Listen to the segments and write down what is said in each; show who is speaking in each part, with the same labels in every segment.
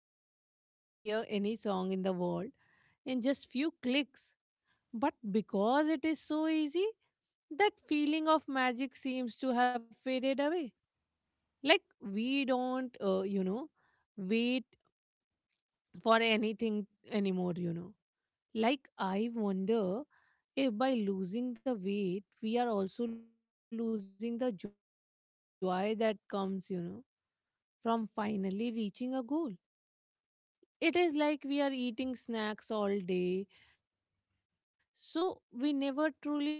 Speaker 1: think now I can hear any song in the world in just few clicks. But because it is so easy, that feeling of magic seems to have faded away. Like, we don't, wait for anything anymore. Like, I wonder if by losing the weight we are also losing the joy that comes, from finally reaching a goal. It is like we are eating snacks all day so we never truly feel hungry,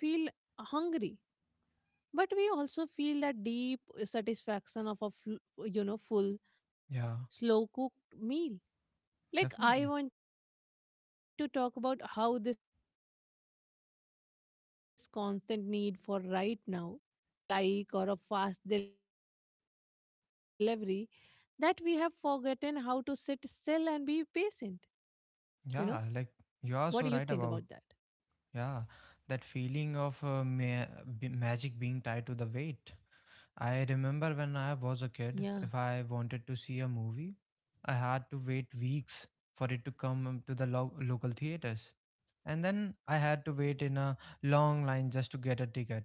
Speaker 1: but we also feel that deep satisfaction of a full, slow cooked meal. Like,
Speaker 2: Yeah,
Speaker 1: I want to talk about how this constant need for
Speaker 2: definitely.
Speaker 1: right now is changing our brain and our happiness. Like, we are so used to the quick hit of a like or a fast delivery that we have forgotten how to sit still and be patient. You know,
Speaker 2: Yeah, like you are so
Speaker 1: what do
Speaker 2: right
Speaker 1: you
Speaker 2: about
Speaker 1: think about that?
Speaker 2: yeah that feeling of magic being tied to the weight. I remember when I was a kid, if I wanted to
Speaker 1: Yeah,
Speaker 2: see a movie, I had to wait weeks for it to come to the local theaters. And then I had to wait in a long line just to get a ticket.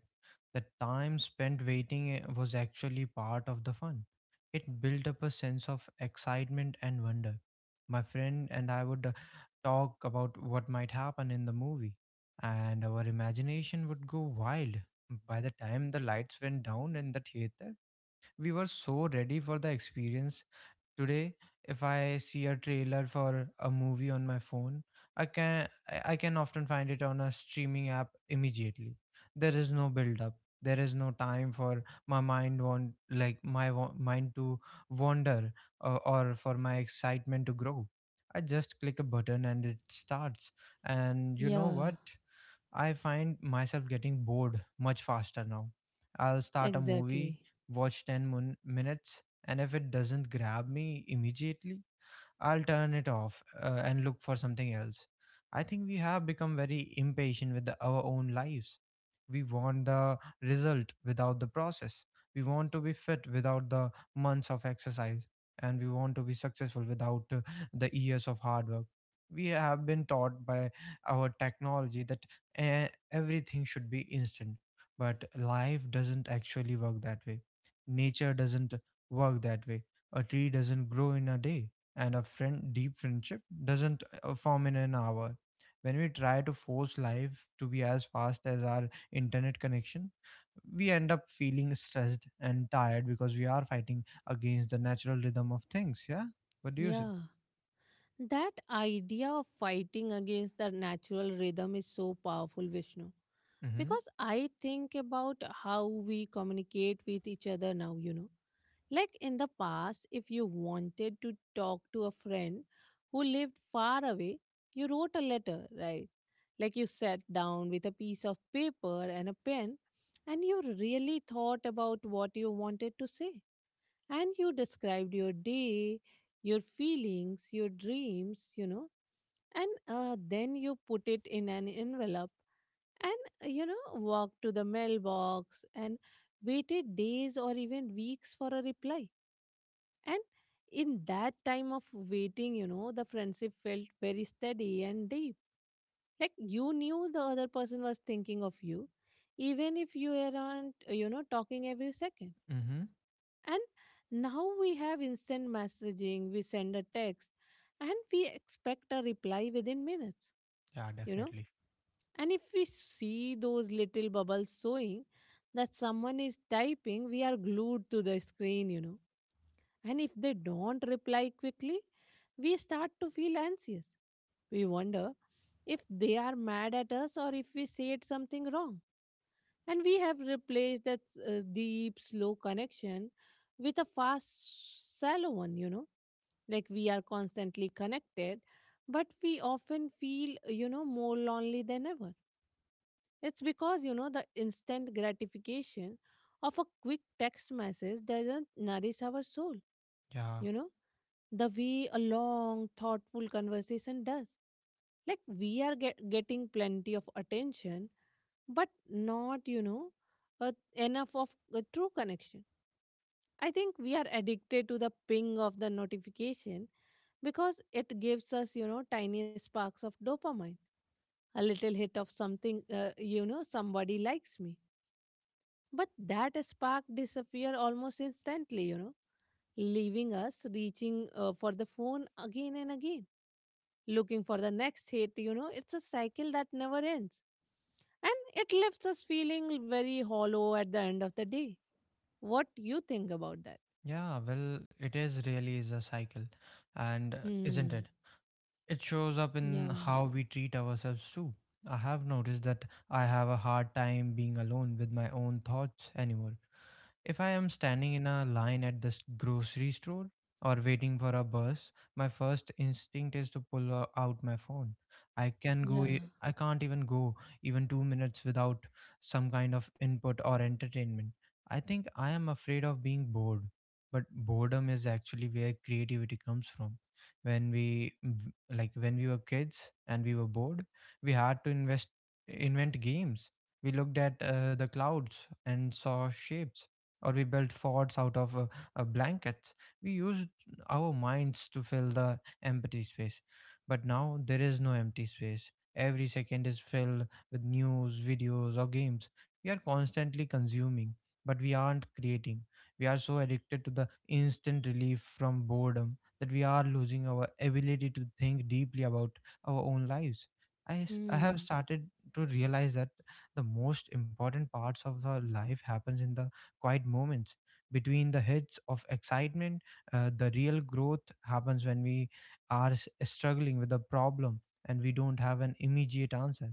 Speaker 2: The time spent waiting was actually part of the fun. It built up a sense of excitement and wonder. My friend and I would talk about what might happen in the movie, and our imagination would go wild. By the time the lights went down in the theater, we were so ready for the experience. Today, if I see a trailer for a movie on my phone, I can I can often find it on a streaming app immediately. There is no build up. There is no time for my mind want like my wa- mind to wander or for my excitement to grow. I just click a button and it starts. And you know what?
Speaker 1: yeah,
Speaker 2: I find myself getting bored much faster now. I'll start a movie, watch
Speaker 1: exactly.
Speaker 2: 10 minutes, and if it doesn't grab me immediately, I'll turn it off and look for something else. I think we have become very impatient with our own lives. We want the result without the process. We want to be fit without the months of exercise. And we want to be successful without the years of hard work. We have been taught by our technology that everything should be instant. But life doesn't actually work that way. Nature doesn't work that way. A tree doesn't grow in a day, and a friend deep friendship doesn't form in an hour. When we try to force life to be as fast as our internet connection, we end up feeling stressed and tired because we are fighting against the natural rhythm of things. Yeah, what do you say?
Speaker 1: Yeah. That idea of fighting against the natural rhythm is so powerful, Vishnu.
Speaker 2: Mm-hmm.
Speaker 1: Because I think about how we communicate with each other now, you know. Like, in the past, if you wanted to talk to a friend who lived far away, you wrote a letter, right? Like, you sat down with a piece of paper and a pen and you really thought about what you wanted to say. And you described your day, your feelings, your dreams, you know, and then you put it in an envelope and walked to the mailbox and waited days or even weeks for a reply. And in that time of waiting, you know, the friendship felt very steady and deep. Like, you knew the other person was thinking of you, even if you weren't, you know, talking every second.
Speaker 2: Mm-hmm.
Speaker 1: And now we have instant messaging, we send a text, and we expect a reply within minutes.
Speaker 2: Yeah,
Speaker 1: You know,
Speaker 2: definitely.
Speaker 1: and if we see those little bubbles showing that someone is typing, we are glued to the screen, you know. And if they don't reply quickly, we start to feel anxious. We wonder if they are mad at us or if we said something wrong. And we have replaced that deep, slow connection with a fast, shallow one, you know. Like, we are constantly connected, but we often feel, you know, more lonely than ever. It's because, you know, the instant gratification of a quick text message doesn't nourish our soul,
Speaker 2: Yeah.
Speaker 1: you know, the way a long, thoughtful conversation does. Like, we are getting plenty of attention, but not, you know, enough of a true connection. I think we are addicted to the ping of the notification because it gives us, you know, tiny sparks of dopamine, a little hit of something, you know, somebody likes me. But that spark disappear almost instantly, you know, leaving us reaching for the phone again and again, looking for the next hit, you know, it's a cycle that never ends. And it leaves us feeling very hollow at the end of the day. What you think about that?
Speaker 2: Yeah. Well, it is really is a cycle, and isn't it?
Speaker 1: Hmm.
Speaker 2: It shows up in
Speaker 1: Yeah.
Speaker 2: how we treat ourselves too. I have noticed that I have a hard time being alone with my own thoughts anymore. If I am standing in a line at the grocery store or waiting for a bus, my first instinct is to pull out my phone. I can go
Speaker 1: Yeah.
Speaker 2: e- I can't even go even 2 minutes without some kind of input or entertainment. I think I am afraid of being bored, but boredom is actually where creativity comes from. When we v- like when we were kids and we were bored, we had to invest invent games. We looked at the clouds and saw shapes, or we built forts out of blankets. We used our minds to fill the empty space. But now there is no empty space. Every second is filled with news, videos, or games. We are constantly consuming, but we aren't creating. We are so addicted to the instant relief from boredom that we are losing our ability to think deeply about our own lives. I have
Speaker 1: Hmm.
Speaker 2: started to realize that the most important parts of our life happens in the quiet moments between the hits of excitement. The real growth happens when we are struggling with a problem and we don't have an immediate answer.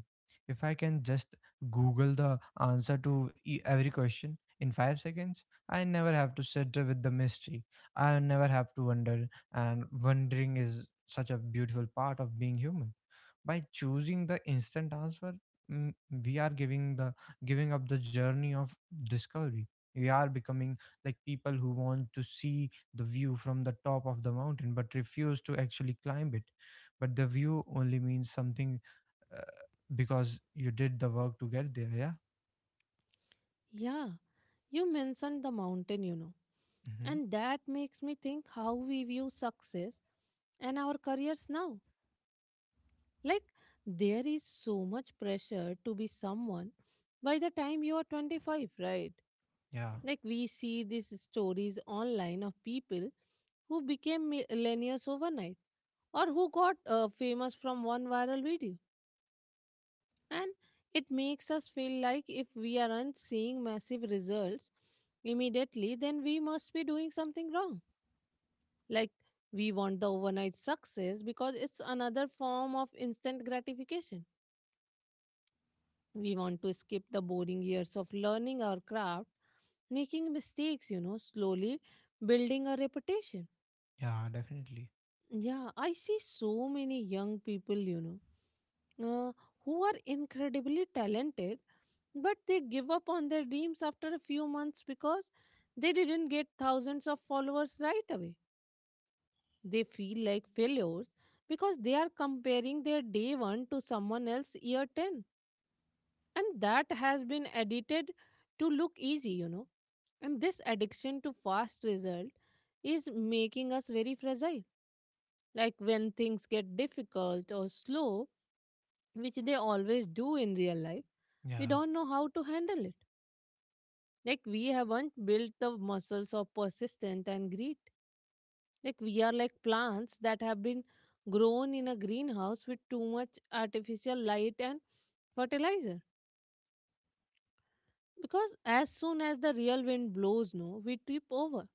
Speaker 2: If I can just Google the answer to every question in 5 seconds, I never have to sit with the mystery. I never have to wonder, and wondering is such a beautiful part of being human. By choosing the instant answer, mm, we are giving up the journey of discovery. We are becoming like people who want to see the view from the top of the mountain but refuse to actually climb it. But the view only means something uh, because you did the work to get there. Yeah.
Speaker 1: Yeah. You mentioned the mountain, you know,
Speaker 2: Mm-hmm.
Speaker 1: and that makes me think how we view success and our careers now. Like, there is so much pressure to be someone by the time you are 25, right?
Speaker 2: Yeah,
Speaker 1: Like, we see these stories online of people who became millennials overnight or who got famous from one viral video. And it makes us feel like if we aren't seeing massive results immediately, then we must be doing something wrong. Like, we want the overnight success because it's another form of instant gratification. We want to skip the boring years of learning our craft, making mistakes, you know, slowly building a reputation.
Speaker 2: yeah, definitely.
Speaker 1: Yeah, I see so many young people, you know, uh, who are incredibly talented, but they give up on their dreams after a few months because they didn't get thousands of followers right away. They feel like failures because they are comparing their day 1 to someone else year 10, and that has been edited to look easy, you know. And this addiction to fast result is making us very fragile. Like, when things get difficult or slow, which they always do in real life, we
Speaker 2: Yeah,
Speaker 1: don't know how to handle it. Like, we haven't built the muscles of persistence and grit. Like, we are like plants that have been grown in a greenhouse with too much artificial light and fertilizer. Because as soon as the real wind blows, no, we trip over.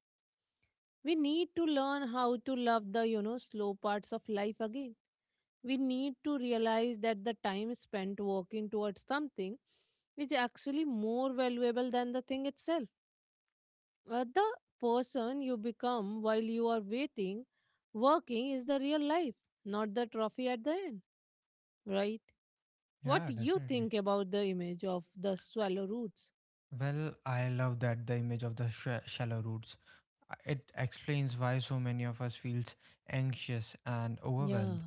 Speaker 1: We need to learn how to love the, you know, slow parts of life again. We need to realize that the time spent working towards something is actually more valuable than the thing itself. The person you become while you are waiting, working is the real life, not the trophy at the end. Right? What do
Speaker 2: yeah,
Speaker 1: you think
Speaker 2: definitely.
Speaker 1: about the image of the swallow roots?
Speaker 2: Well, I love that the image of the shallow roots. It explains why so many of us feels anxious and
Speaker 1: Yeah.
Speaker 2: overwhelmed.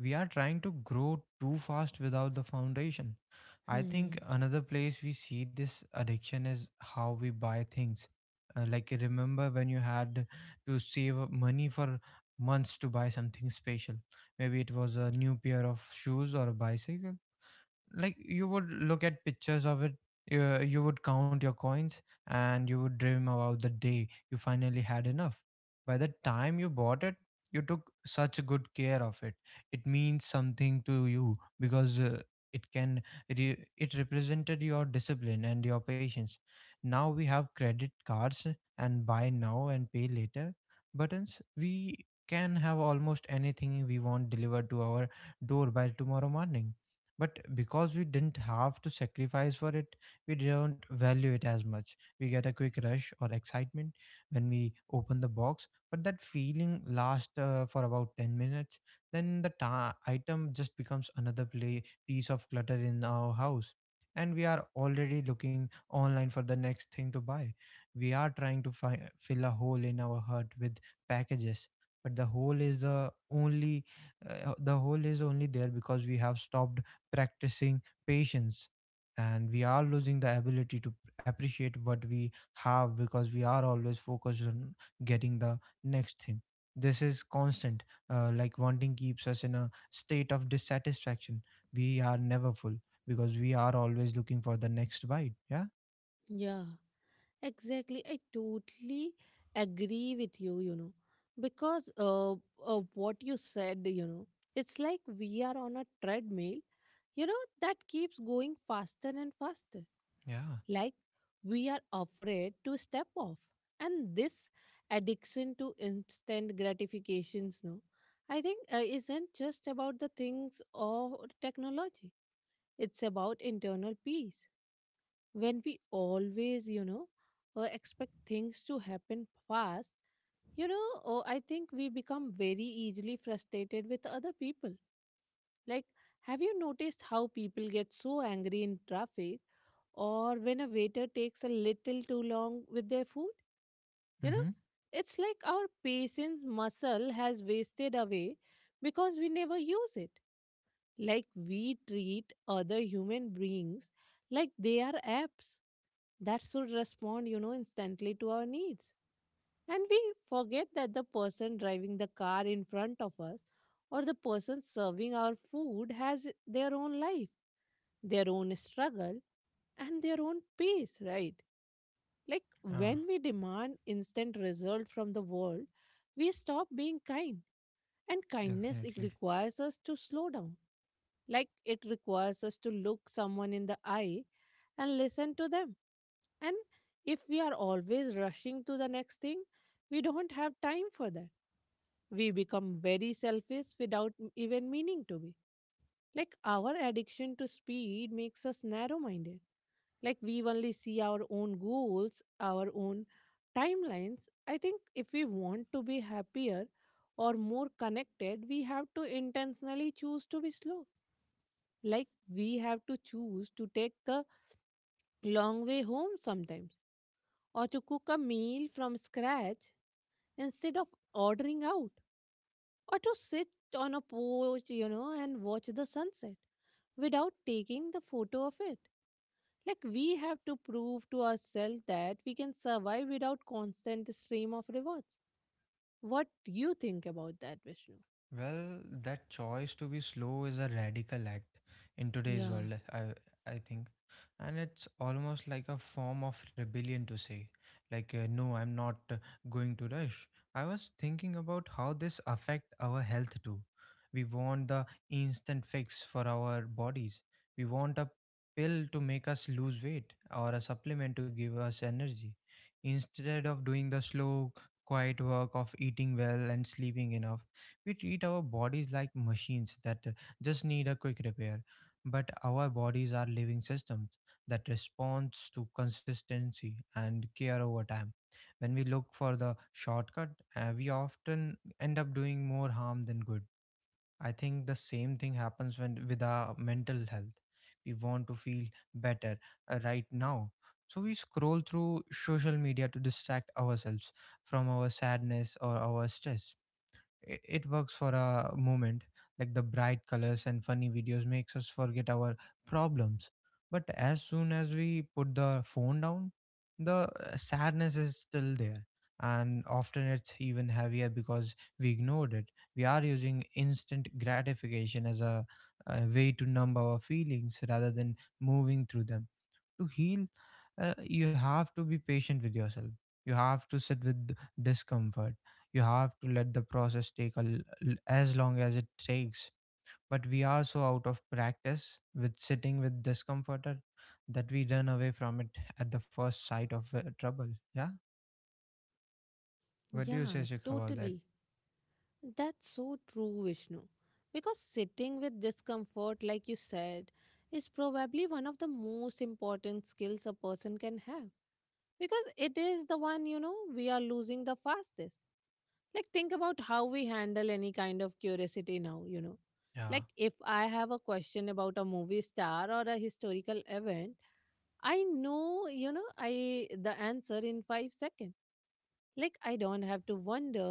Speaker 2: We are trying to grow too fast without the foundation. I
Speaker 1: Hmm.
Speaker 2: think another place we see this addiction is how we buy things. Like remember when you had to save up money for months to buy something special. Maybe it was a new pair of shoes or a bicycle. Like you would look at pictures of it, you would count your coins, and you would dream about the day you finally had enough. By the time you bought it, you took such good care of it. It means something to you because it can it represented your discipline and your patience. Now we have credit cards and buy now and pay later buttons. We can have almost anything we want delivered to our door by tomorrow morning. But because we didn't have to sacrifice for it, we don't value it as much. We get a quick rush or excitement when we open the box, but that feeling lasts for about 10 minutes. Then the item just becomes another play piece of clutter in our house, and we are already looking online for the next thing to buy. We are trying to fill a hole in our heart with packages. But the hole is only there because we have stopped practicing patience. And we are losing the ability to appreciate what we have because we are always focused on getting the next thing. This is constant like wanting, keeps us in a state of dissatisfaction. We are never full because we are always looking for the next bite. Yeah.
Speaker 1: Yeah. Exactly. I totally agree with you, you know, because of what you said, you know, it's like we are on a treadmill, you know, that keeps going faster and faster.
Speaker 2: Yeah.
Speaker 1: Like, we are afraid to step off. And this addiction to instant gratifications, no, I think isn't just about the things of technology, it's about internal peace. When we always, expect things to happen fast, oh, I think we become very easily frustrated with other people. Like, have you noticed how people get so angry in traffic or when a waiter takes a little too long with their food. You know,
Speaker 2: Mm-hmm.
Speaker 1: it's like our patience muscle has wasted away because we never use it. Like, we treat other human beings like they are apps that should respond, you know, instantly to our needs. And we forget that the person driving the car in front of us or the person serving our food has their own life, their own struggle, and their own pace, right? Like,
Speaker 2: Ah,
Speaker 1: when we demand instant result from the world, we stop being kind. And kindness it
Speaker 2: definitely.
Speaker 1: requires us to slow down, like it requires us to look someone in the eye and listen to them. And if we are always rushing to the next thing, we don't have time for that. We become very selfish without even meaning to be. Like, our addiction to speed makes us narrow minded. Like, we only see our own goals, our own timelines. I think if we want to be happier or more connected, we have to intentionally choose to be slow, like we have to choose to take the long way home sometimes, or to cook a meal from scratch instead of ordering out, or to sit on a porch, you know, and watch the sunset without taking the photo of it. Like, we have to prove to ourselves that we can survive without constant stream of rewards. What do you think about that, Vishnu?
Speaker 2: Well, that choice to be slow is a radical act in today's
Speaker 1: Yeah,
Speaker 2: world, I think. And it's almost like a form of rebellion to say, like, no, I'm not going to rush. I was thinking about how this affect our health too. We want the instant fix for our bodies. We want a pill to make us lose weight or a supplement to give us energy. Instead of doing the slow, quiet work of eating well and sleeping enough, we treat our bodies like machines that just need a quick repair. But our bodies are living systems that responds to consistency and care over time. When we look for the shortcut, we often end up doing more harm than good. I think the same thing happens when with our mental health. We want to feel better right now. So we scroll through social media to distract ourselves from our sadness or our stress. It works for a moment. Like the bright colors and funny videos makes us forget our problems. But as soon as we put the phone down, the sadness is still there, and often it's even heavier because we ignored it. We are using instant gratification as a way to numb our feelings rather than moving through them. To heal, you have to be patient with yourself. You have to sit with discomfort. You have to let the process take as long as it takes. But we are so out of practice with sitting with discomfort that we run away from it at the first sight of trouble. Yeah. What do you say,
Speaker 1: yeah,
Speaker 2: Shikha, about that?
Speaker 1: totally. That's so true, Vishnu. Because sitting with discomfort, like you said, is probably one of the most important skills a person can have. Because it is the one, you know, we are losing the fastest. Like, think about how we handle any kind of curiosity now, you know.
Speaker 2: Yeah.
Speaker 1: Like, if I have a question about a movie star or a historical event, I know, you know, I the answer in 5 seconds. Like, I don't have to wonder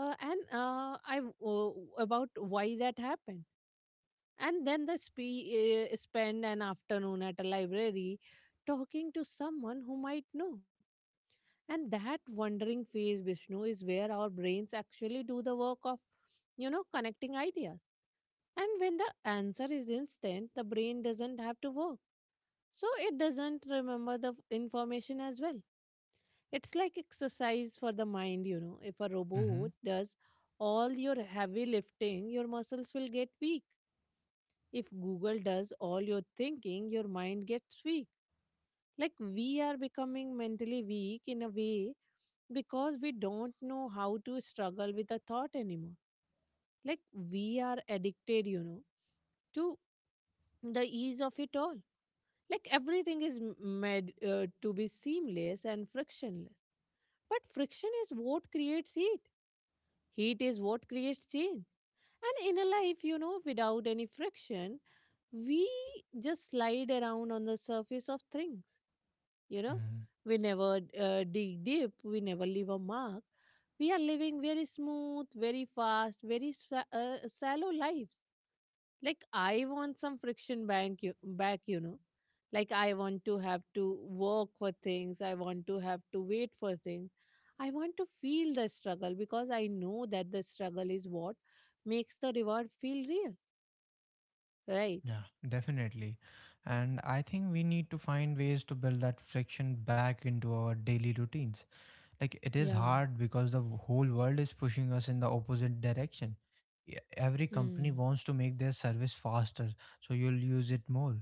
Speaker 1: and I uh, about why that happened, and then spend an afternoon at a library talking to someone who might know. And that wandering phase, Vishnu, is where our brains actually do the work of, you know, connecting ideas. And when the answer is instant, the brain doesn't have to work, so it doesn't remember the information as well. It's like exercise for the mind, you know. If a
Speaker 2: Mm-hmm.
Speaker 1: robot does all your heavy lifting, your muscles will get weak. If Google does all your thinking, your mind gets weak. Like we are becoming mentally weak in a way because we don't know how to struggle with a thought anymore. Like we are addicted, to the ease of it all. Like everything is made to be seamless and frictionless. But friction is what creates heat. Heat is what creates change. And in a life, without any friction, we just slide around on the surface of things. You know,
Speaker 2: Hmm.
Speaker 1: we never dig deep, we never leave a mark. We are living very smooth, very fast, shallow lives. Like I want some friction back. Like I want to have to work for things. I want to have to wait for things. I want to feel the struggle because I know that the struggle is what makes the reward feel real, right?
Speaker 2: Yeah, definitely. And I think we need to find ways to build that friction back into our daily routines. Like it is
Speaker 1: Yeah.
Speaker 2: hard because the whole world is pushing us in the opposite direction. Every company
Speaker 1: Hmm.
Speaker 2: wants to make their service faster so you'll use it more.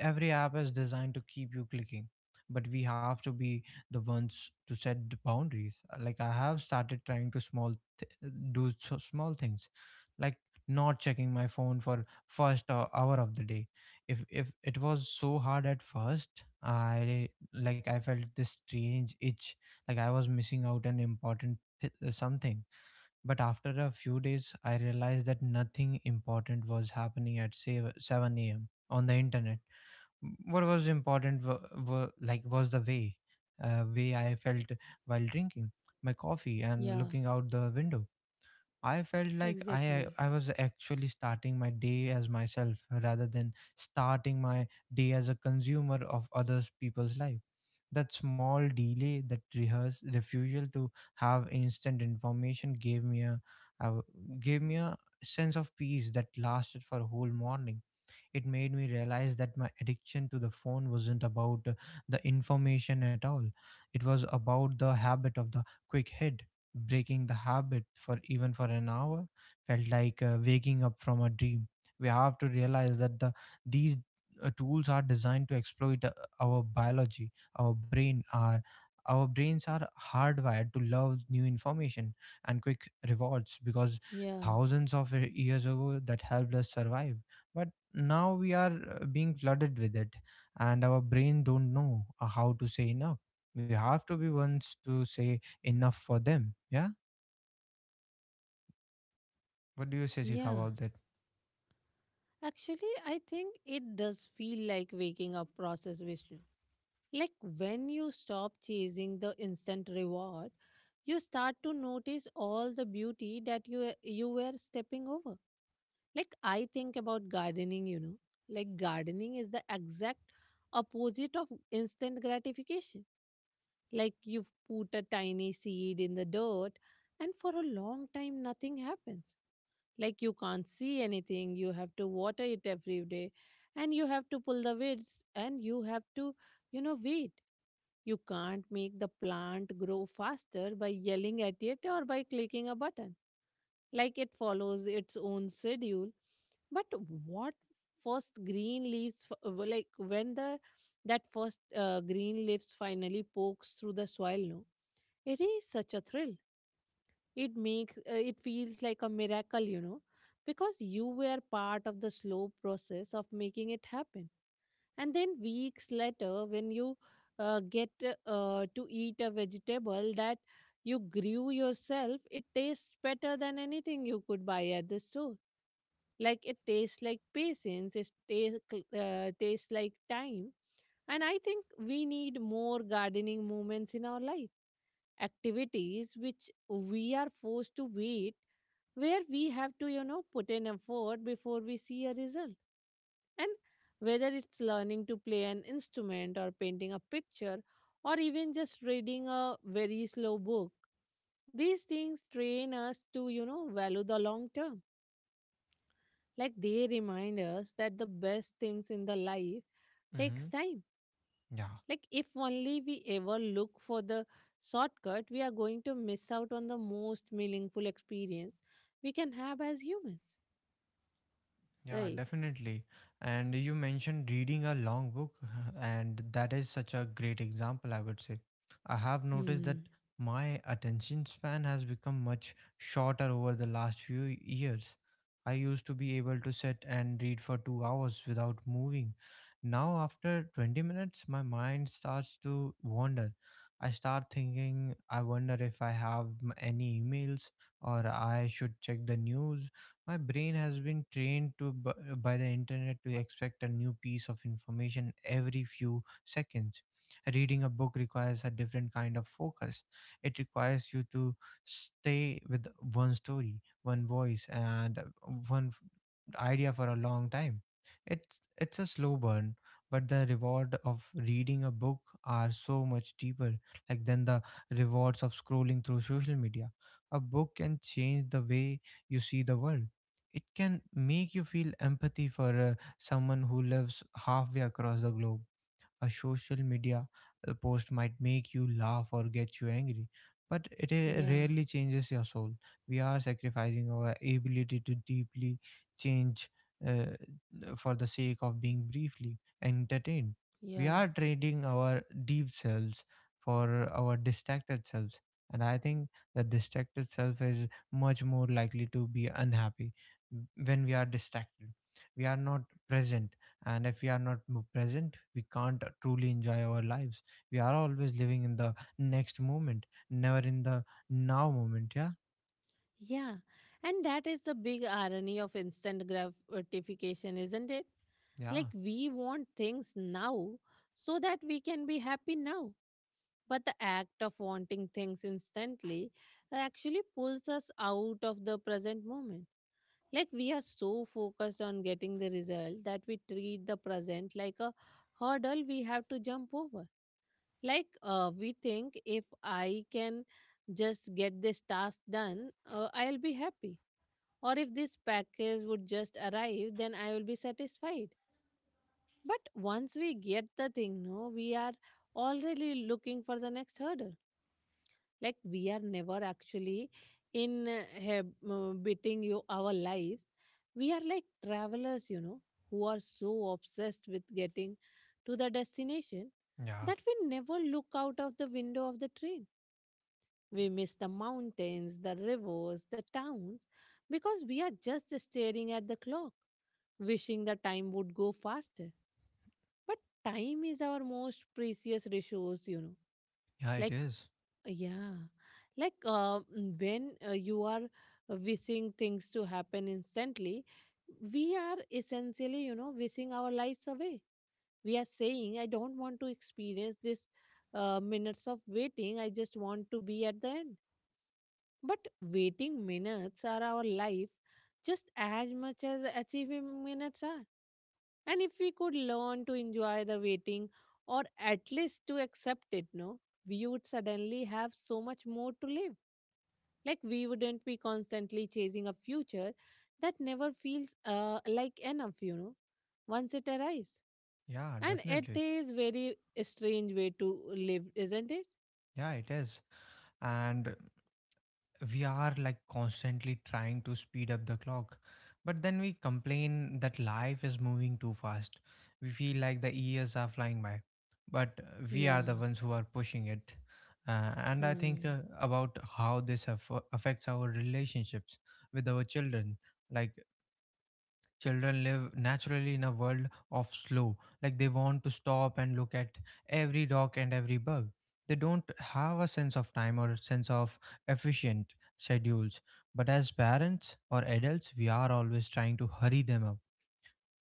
Speaker 2: Every app is designed to keep you clicking, but we have to be the ones to set the boundaries. Like I have started trying to do so small things, like not checking my phone for first hour of the day. If it was so hard at first. I Like I felt this strange itch, like I was missing out an important something. But after a few days I realized that nothing important was happening at say 7 a.m on the internet. What was important were like was the way I felt while drinking my coffee and
Speaker 1: Yeah,
Speaker 2: looking out the window. I felt like I
Speaker 1: exactly.
Speaker 2: I was actually starting my day as myself rather than starting my day as a consumer of others people's life. That small delay, that rehearse refusal to have instant information uh, gave me a sense of peace that lasted for a whole morning. It made me realize that my addiction to the phone wasn't about the information at all. It was about the habit of the quick hit. Breaking the habit for even for an hour felt like waking up from a dream. We have to realize that these tools are designed to exploit our biology, our brains are hardwired to love new information and quick rewards because
Speaker 1: Yeah.
Speaker 2: thousands of years ago that helped us survive. But now we are being flooded with it, and our brain don't know how to say enough. We have to be ones to say enough for them, yeah. What do you say, Sikha,
Speaker 1: Yeah,
Speaker 2: about that?
Speaker 1: actually I think it does feel like waking up process, Vishnu. Like when you stop chasing the instant reward, you start to notice all the beauty that you were stepping over. Like I think about gardening. Like gardening is the exact opposite of instant gratification. Like you put a tiny seed in the dirt, and for a long time nothing happens. Like you can't see anything, you have to water it every day, and you have to pull the weeds, and you have to weed. You can't make the plant grow faster by yelling at it or by clicking a button. Like it follows its own schedule. But what first green leaves, f- w- like when the that first green leaves finally pokes through the soil, no, it is such a thrill. It feels like a miracle, because you were part of the slow process of making it happen. And then weeks later, when you get to eat a vegetable that you grew yourself, it tastes better than anything you could buy at the store. Like it tastes like patience, it tastes like time. And I think we need more gardening moments in our life, activities which we are forced to wait, where we have to, put in effort before we see a result. And whether it's learning to play an instrument or painting a picture or even just reading a very slow book, these things train us to, value the long term. Like they remind us that the best things in the life takes
Speaker 2: Mm-hmm.
Speaker 1: time.
Speaker 2: Yeah.
Speaker 1: Like if only we ever look for the shortcut, we are going to miss out on the most meaningful experience we can have as humans.
Speaker 2: Yeah,
Speaker 1: Right.
Speaker 2: definitely. And you mentioned reading a long book, and that is such a great example, I would say. I have noticed that
Speaker 1: Hmm.
Speaker 2: my attention span has become much shorter over the last few years. I used to be able to sit and read for 2 hours without moving. Now, after 20 minutes, my mind starts to wander. I start thinking, I wonder if I have any emails, or I should check the news. My brain has been trained by the internet to expect a new piece of information every few seconds. Reading a book requires a different kind of focus. It requires you to stay with one story, one voice, and one idea for a long time. It's a slow burn, but the reward of reading a book are so much deeper like than the rewards of scrolling through social media. A book can change the way you see the world. It can make you feel empathy for someone who lives halfway across the globe. A social media post might make you laugh or get you angry, but it
Speaker 1: Yeah.
Speaker 2: rarely changes your soul. We are sacrificing our ability to deeply change uh, for the sake of being briefly entertained. We
Speaker 1: Yeah.
Speaker 2: are trading our deep selves for our distracted selves. And I think the distracted self is much more likely to be unhappy when we are distracted. We are not present, and if we are not present we can't truly enjoy our lives. We are always living in the next moment, never in the now moment, yeah.
Speaker 1: Yeah, and that is the big irony of instant gratification, isn't it?
Speaker 2: Yeah.
Speaker 1: Like, we want things now so that we can be happy now. But the act of wanting things instantly actually pulls us out of the present moment. Like, we are so focused on getting the result that we treat the present like a hurdle we have to jump over. Like, we think if I can just get this task done, I'll be happy, or if this package would just arrive, then I will be satisfied. But once we get the thing, no, we are already looking for the next hurdle. Like we are never actually in beating you our lives. We are like travelers, who are so obsessed with getting to the destination
Speaker 2: Yeah.
Speaker 1: that we never look out of the window of the train. We miss the mountains, the rivers, the towns because we are just staring at the clock wishing the time would go faster. But time is our most precious resource.
Speaker 2: Yeah, it
Speaker 1: Like,
Speaker 2: is.
Speaker 1: yeah, when you are wishing things to happen instantly, we are essentially, wishing our lives away. We are saying, I don't want to experience this minutes of waiting. I just want to be at the end. But waiting minutes are our life just as much as achieving minutes are, and if we could learn to enjoy the waiting, or at least to accept it, no, we would suddenly have so much more to live. Like we wouldn't be constantly chasing a future that never feels like enough, once it arrives.
Speaker 2: Yeah,
Speaker 1: And it
Speaker 2: definitely.
Speaker 1: is very strange way to live, isn't it?
Speaker 2: Yeah, it is. And we are like constantly trying to speed up the clock, but then we complain that life is moving too fast. We feel like the years are flying by, but we are
Speaker 1: Yeah.
Speaker 2: the ones who are pushing it. And I think
Speaker 1: Hmm.
Speaker 2: about how this affects our relationships with our children. Like, children live naturally in a world of slow, like they want to stop and look at every rock and every bug. They don't have a sense of time or a sense of efficient schedules. But as parents or adults, we are always trying to hurry them up,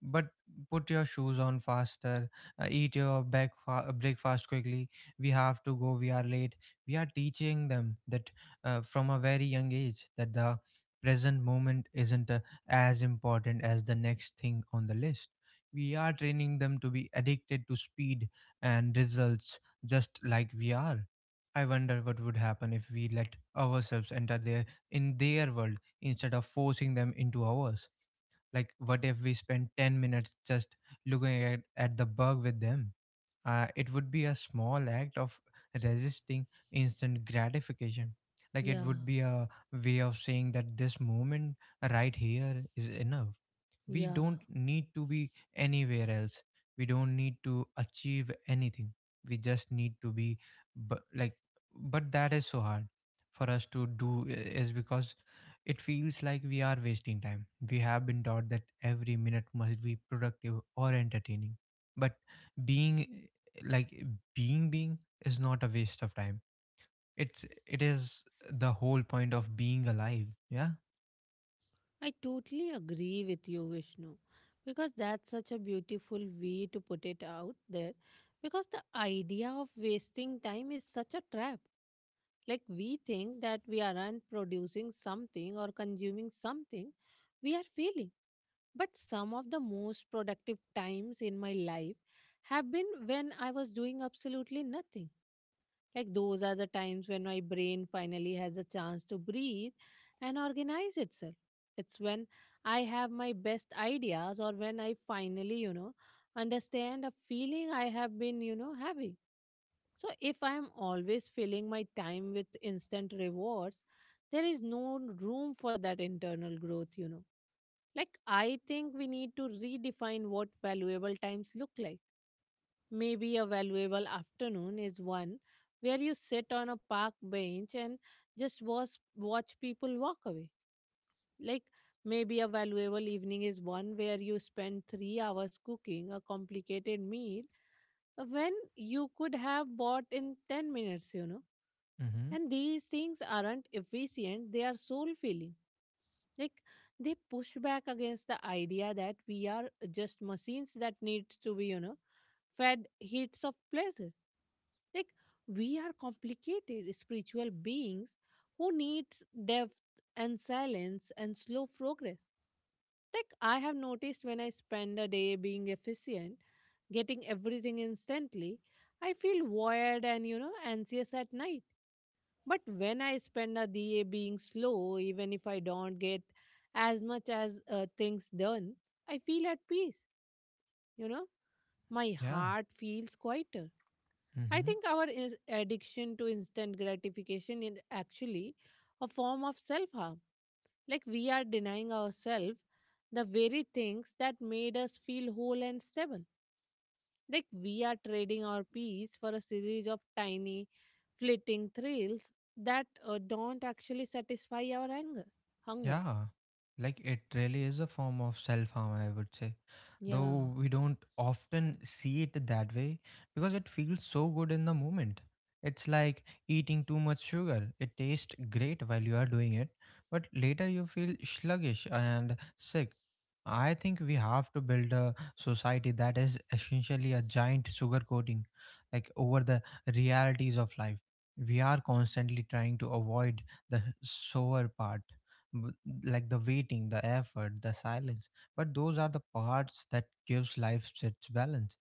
Speaker 2: but put your shoes on faster, eat your breakfast quickly, we have to go, we are late. We are teaching them that from a very young age that the present moment isn't as important as the next thing on the list. We are training them to be addicted to speed and results, just like we are. I wonder what would happen if we let ourselves enter their world instead of forcing them into ours. Like, what if we spend 10 minutes just looking at the bug with them? It would be a small act of resisting instant gratification. Like it
Speaker 1: Yeah.
Speaker 2: would be a way of saying that this moment right here is enough. We
Speaker 1: Yeah,
Speaker 2: don't need to be anywhere else, we don't need to achieve anything, we just need to be. But like but that is so hard for us to do, is because it feels like we are wasting time. We have been taught that every minute must be productive or entertaining, but being like being being is not a waste of time. It is the whole point of being alive, yeah.
Speaker 1: I totally agree with you, Vishnu, because that's such a beautiful way to put it out there. Because the idea of wasting time is such a trap. Like, we think that we aren't producing something or consuming something, we are failing. But some of the most productive times in my life have been when I was doing absolutely nothing. Like those are the times when my brain finally has a chance to breathe and organize itself. It's when I have my best ideas, or when I finally, understand a feeling I have been, having. So if I'm always filling my time with instant rewards, there is no room for that internal growth. Like I think we need to redefine what valuable times look like. Maybe a valuable afternoon is one where you sit on a park bench and just watch people walk away. Like maybe a valuable evening is one where you spend 3 hours cooking a complicated meal when you could have bought in 10 minutes.
Speaker 2: Mm-hmm.
Speaker 1: And these things aren't efficient, they are soul filling. Like they push back against the idea that we are just machines that needs to be, fed hits of pleasure. Like we are complicated spiritual beings who needs depth and silence and slow progress. Like I have noticed when I spend a day being efficient, getting everything instantly, I feel wired and anxious at night. But when I spend a day being slow, even if I don't get as much as things done, I feel at peace. You know, my
Speaker 2: Yeah.
Speaker 1: heart feels quieter. I
Speaker 2: Mm-hmm.
Speaker 1: think our is addiction to instant gratification is actually a form of self harm. Like we are denying ourselves the very things that made us feel whole and stable. Like we are trading our peace for a series of tiny, fleeting thrills that don't actually satisfy our anger, hunger.
Speaker 2: Yeah, like it really is a form of self harm, I would say.
Speaker 1: Yeah,
Speaker 2: Though we don't often see it that way because it feels so good in the moment. It's like eating too much sugar. It tastes great while you are doing it, but later you feel sluggish and sick. I think we have to build a society that is essentially a giant sugar coating, like over the realities of life. We are constantly trying to avoid the sour part, w- like the waiting, the effort, the silence, but those are the parts that gives life its balance.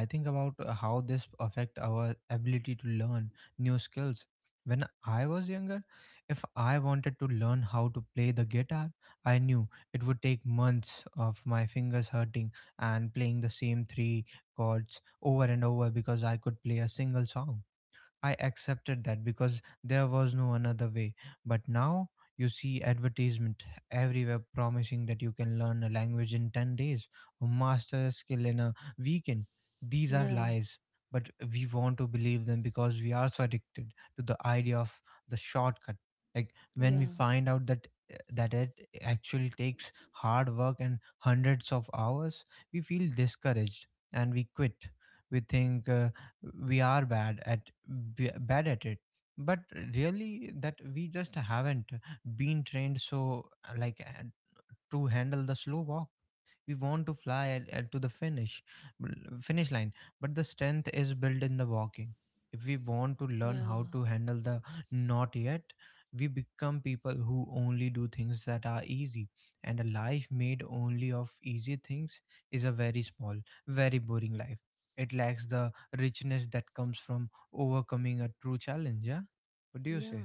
Speaker 2: I think about how this affect our ability to learn new skills. When I was younger, if I wanted to learn how to play the guitar, I knew it would take months of my fingers hurting and playing the same three chords over and over because I could play a single song. I accepted that because there was no another way. But now you see advertisement everywhere promising that you can learn a language in 10 days or master a skill in a weekend. These are
Speaker 1: yeah,
Speaker 2: lies, but we want to believe them because we are so addicted to the idea of the shortcut. Like when we
Speaker 1: yeah,
Speaker 2: find out that it actually takes hard work and hundreds of hours, we feel discouraged and we quit. We think we are bad at it, but really that we just haven't been trained so like to handle the slow walk. We want to fly to the finish, l- finish line, but the strength is built in the walking. If we want to learn
Speaker 1: yeah,
Speaker 2: how to handle the not yet, we become people who only do things that are easy, and a life made only of easy things is a very small, very boring life. It lacks the richness that comes from overcoming a true challenge, yeah. What do you say?
Speaker 1: yeah.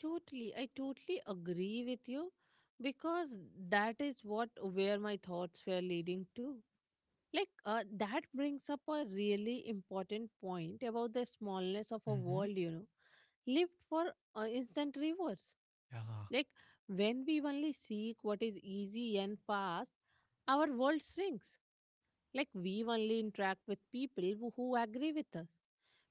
Speaker 1: Totally, I totally agree with you because that is what where my thoughts were leading to. Like, that brings up a really important point about the smallness of a
Speaker 2: Mm-hmm.
Speaker 1: world, lived for instant rewards.
Speaker 2: Yeah.
Speaker 1: Like when we only seek what is easy and fast, our world shrinks. Like we only interact with people who agree with us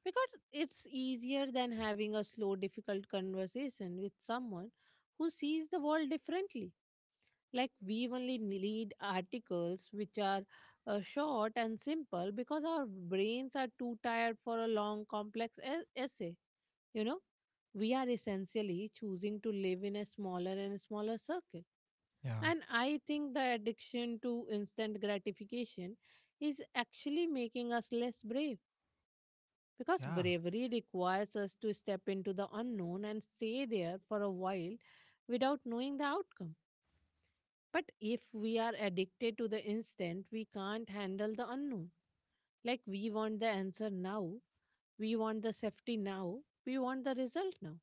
Speaker 1: because it's easier than having a slow, difficult conversation with someone who sees the world differently. Like we only need articles which are short and simple because our brains are too tired for a long, complex essay. You know, we are essentially choosing to live in a smaller and smaller circle,
Speaker 2: Yeah.
Speaker 1: and I think the addiction to instant gratification is actually making us less brave because
Speaker 2: Yeah.
Speaker 1: bravery requires us to step into the unknown and stay there for a while without knowing the outcome. But if we are addicted to the instant, we can't handle the unknown. Like we want the answer now, we want the safety now, we want the result now.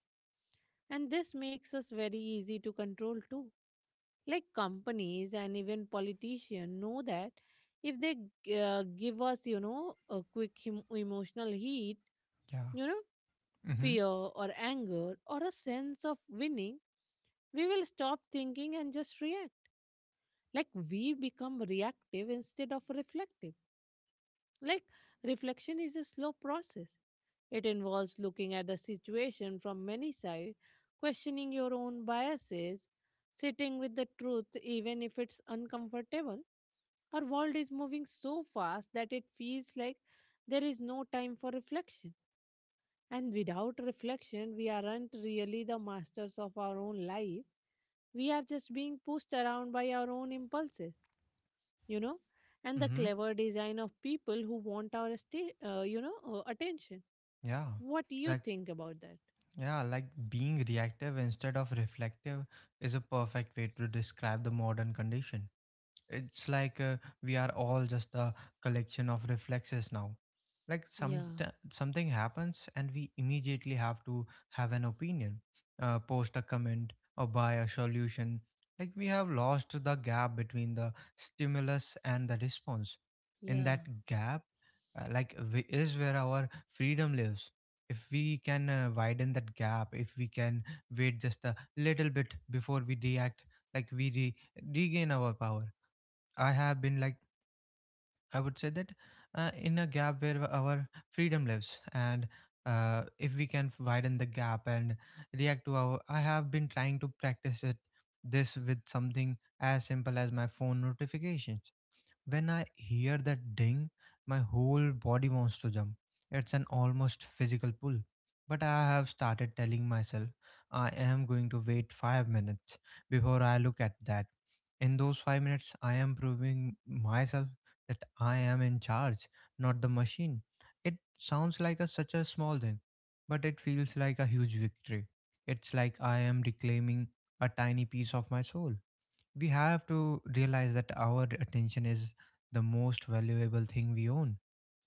Speaker 1: And this makes us very easy to control too. Like companies and even politicians know that if they give us, a quick emotional heat,
Speaker 2: Yeah.
Speaker 1: you know,
Speaker 2: Mm-hmm.
Speaker 1: fear or anger or a sense of winning, we will stop thinking and just react. Like we become reactive instead of reflective. Like reflection is a slow process. It involves looking at the situation from many sides, questioning your own biases, sitting with the truth even if it's uncomfortable. Our world is moving so fast that it feels like there is no time for reflection. And without reflection, we aren't really the masters of our own life. We are just being pushed around by our own impulses, you know, and the
Speaker 2: Mm-hmm.
Speaker 1: clever design of people who want our, attention.
Speaker 2: Yeah.
Speaker 1: What do you
Speaker 2: Like,
Speaker 1: think about that?
Speaker 2: yeah, like being reactive instead of reflective is a perfect way to describe the modern condition. It's like we are all just a collection of reflexes now. Like some
Speaker 1: Yeah,
Speaker 2: something happens and we immediately have to have an opinion, post a comment, or buy a solution. Like we have lost the gap between the stimulus and the response. In
Speaker 1: yeah,
Speaker 2: that gap, is where our freedom lives. If we can widen that gap, if we can wait just a little bit before we react, like we regain our power. I have been like I would say that in a gap where our freedom lives, and if we can widen the gap and react to our, I have been trying to practice it this with something as simple as my phone notifications. When I hear that ding, my whole body wants to jump. It's an almost physical pull. But I have started telling myself I am going to wait 5 minutes before I look at that. In those 5 minutes, I am proving myself that I am in charge, not the machine. It sounds like such a small thing, but it feels like a huge victory. It's like I am reclaiming a tiny piece of my soul. We have to realize that our attention is the most valuable thing we own.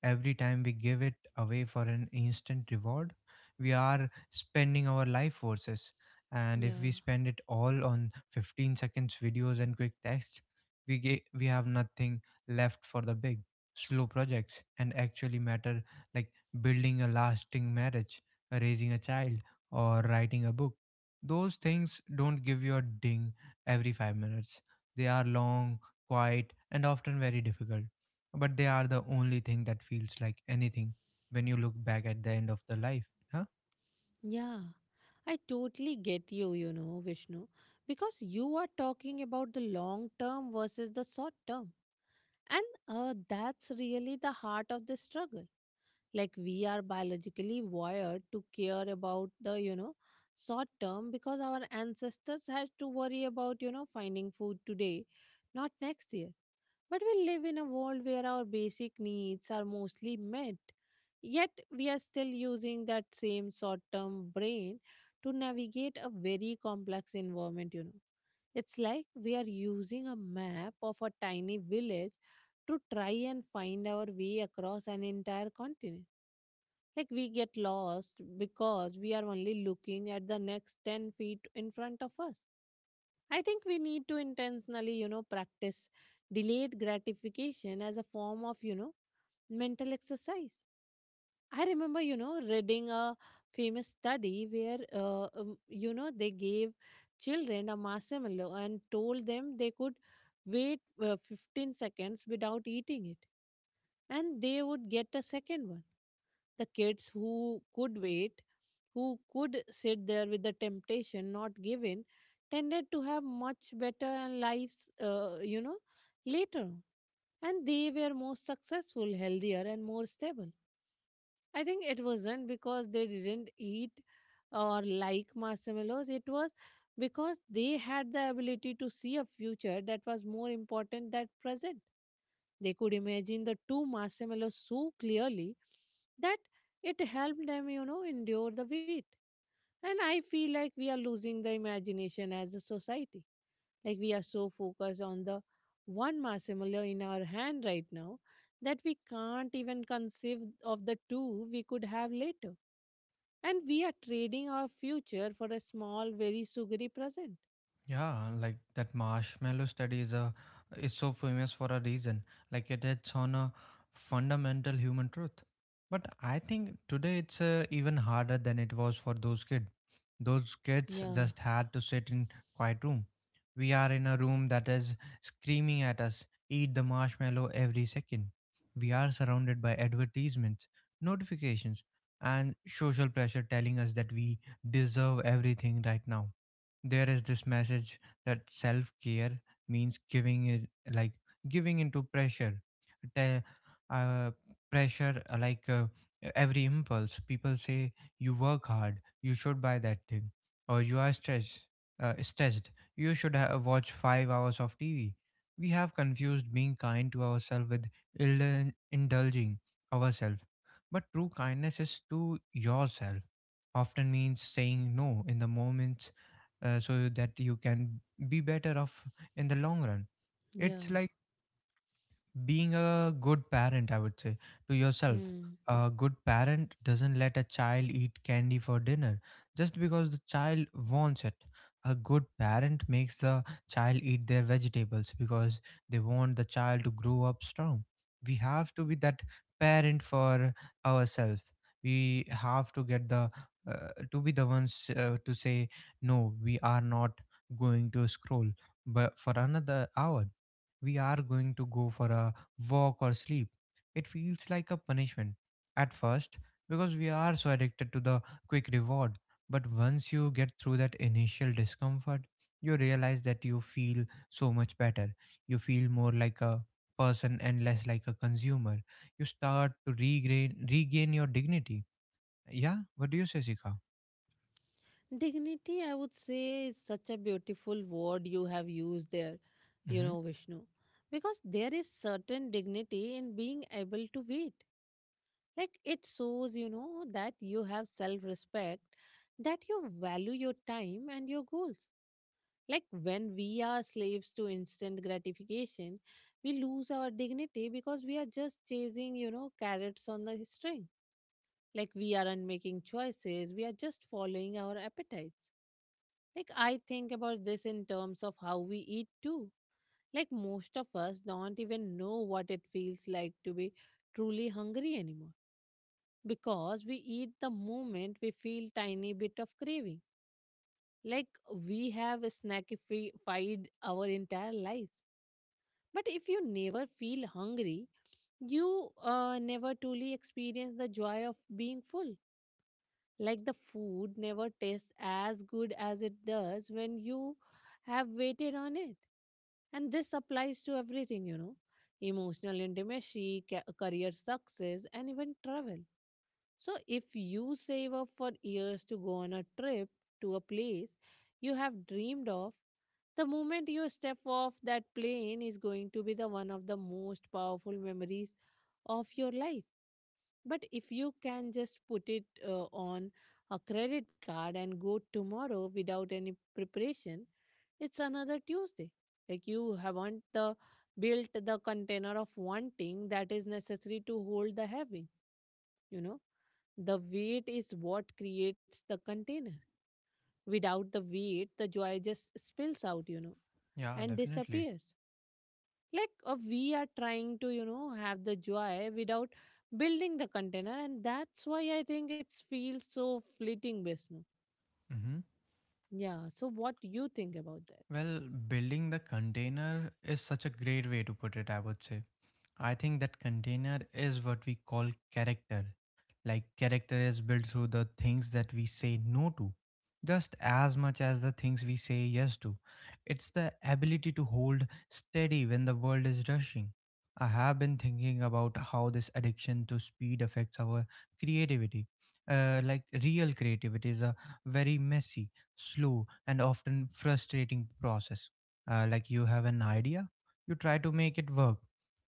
Speaker 2: Every time we give it away for an instant reward, we are spending our life forces. And if
Speaker 1: yeah,
Speaker 2: we spend it all on 15 seconds videos and quick text, we have nothing left for the big, slow projects and actually matter, like building a lasting marriage, raising a child, or writing a book. Those things don't give you a ding every 5 minutes. They are long, quiet, and often very difficult, but they are the only thing that feels like anything when you look back at the end of the life, huh?
Speaker 1: yeah. I totally get you, Vishnu, because you are talking about the long term versus the short term. And that's really the heart of the struggle. Like we are biologically wired to care about the, short term because our ancestors had to worry about, finding food today, not next year. But we live in a world where our basic needs are mostly met. Yet we are still using that same short term brain to navigate a very complex environment. It's like we are using a map of a tiny village to try and find our way across an entire continent. Like we get lost because we are only looking at the next 10 feet in front of us. I think we need to intentionally, practice delayed gratification as a form of, mental exercise. I remember, reading a famous study where, they gave children a marshmallow and told them they could wait 15 seconds without eating it, and they would get a second one. The kids who could wait, who could sit there with the temptation not given, tended to have much better lives, later on. And they were more successful, healthier, and more stable. I think it wasn't because they didn't eat or like marshmallows. It was because they had the ability to see a future that was more important than present. They could imagine the two marshmallows so clearly that it helped them, endure the wait. And I feel like we are losing the imagination as a society. Like we are so focused on the one marshmallow in our hand right now that we can't even conceive of the two we could have later. And we are trading our future for a small, very sugary present.
Speaker 2: Yeah, like that marshmallow study is so famous for a reason. Like it hits on a fundamental human truth. But I think today it's even harder than it was for those kids. Those kids
Speaker 1: Yeah,
Speaker 2: just had to sit in quiet room. We are in a room that is screaming at us, eat the marshmallow every second. We are surrounded by advertisements, notifications, and social pressure telling us that we deserve everything right now. There is this message that self care means giving it, like, giving into pressure. Te- uh, Pressure, like, every impulse. People say you work hard, you should buy that thing, or you are stressed, stressed you should watch 5 hours of tv. We have confused being kind to ourselves with indulging ourselves, but true kindness is to yourself often means saying no in the moments, so that you can be better off in the long run. It's
Speaker 1: yeah.
Speaker 2: like being a good parent, I would say, to yourself.
Speaker 1: Hmm.
Speaker 2: A good parent doesn't let a child eat candy for dinner just because the child wants it. A good parent makes the child eat their vegetables because they want the child to grow up strong. We have to be that parent for ourselves. We have to be the ones, to say no, we are not going to scroll but for another hour. We are going to go for a walk, or sleep. It feels like a punishment at first because we are so addicted to the quick reward. But once you get through that initial discomfort, you realize that you feel so much better. You feel more like a person and less like a consumer. You start to regain your dignity. Yeah, what do you say, Sika?
Speaker 1: Dignity, I would say, is such a beautiful word you have used there, you
Speaker 2: Mm-hmm.
Speaker 1: know, Vishnu. Because there is certain dignity in being able to wait. Like it shows, you know, that you have self respect, that you value your time and your goals. Like when we are slaves to instant gratification, we lose our dignity because we are just chasing, you know, carrots on the string. Like we aren't making choices, we are just following our appetites. Like I think about this in terms of how we eat too. Like most of us don't even know what it feels like to be truly hungry anymore because we eat the moment we feel tiny bit of craving, like we have snackified our entire lives. But if you never feel hungry, you never truly experience the joy of being full. Like the food never tastes as good as it does when you have waited on it. And this applies to everything, you know, emotional intimacy, career success, and even travel. So, if you save up for years to go on a trip to a place you have dreamed of, the moment you step off that plane is going to be the one of the most powerful memories of your life. But if you can just put it on a credit card and go tomorrow without any preparation, it's another Tuesday. Like you haven't the built the container of wanting that is necessary to hold the having, you know. The weight is what creates the container. Without the weight, the joy just spills out, you know,
Speaker 2: Yeah,
Speaker 1: and
Speaker 2: definitely.
Speaker 1: disappears. Like we are trying to, you know, have the joy without building the container, and that's why I think it feels so fleeting, Vishnu.
Speaker 2: Mm-hmm.
Speaker 1: Yeah, so what you think about that?
Speaker 2: Well, building the container is such a great way to put it, I would say. I think that container is what we call character. Like, character is built through the things that we say no to, just as much as the things we say yes to. It's the ability to hold steady when the world is rushing. I have been thinking about how this addiction to speed affects our creativity. Like, real creativity is a very messy, slow, and often frustrating process. Like, you have an idea, you try to make it work.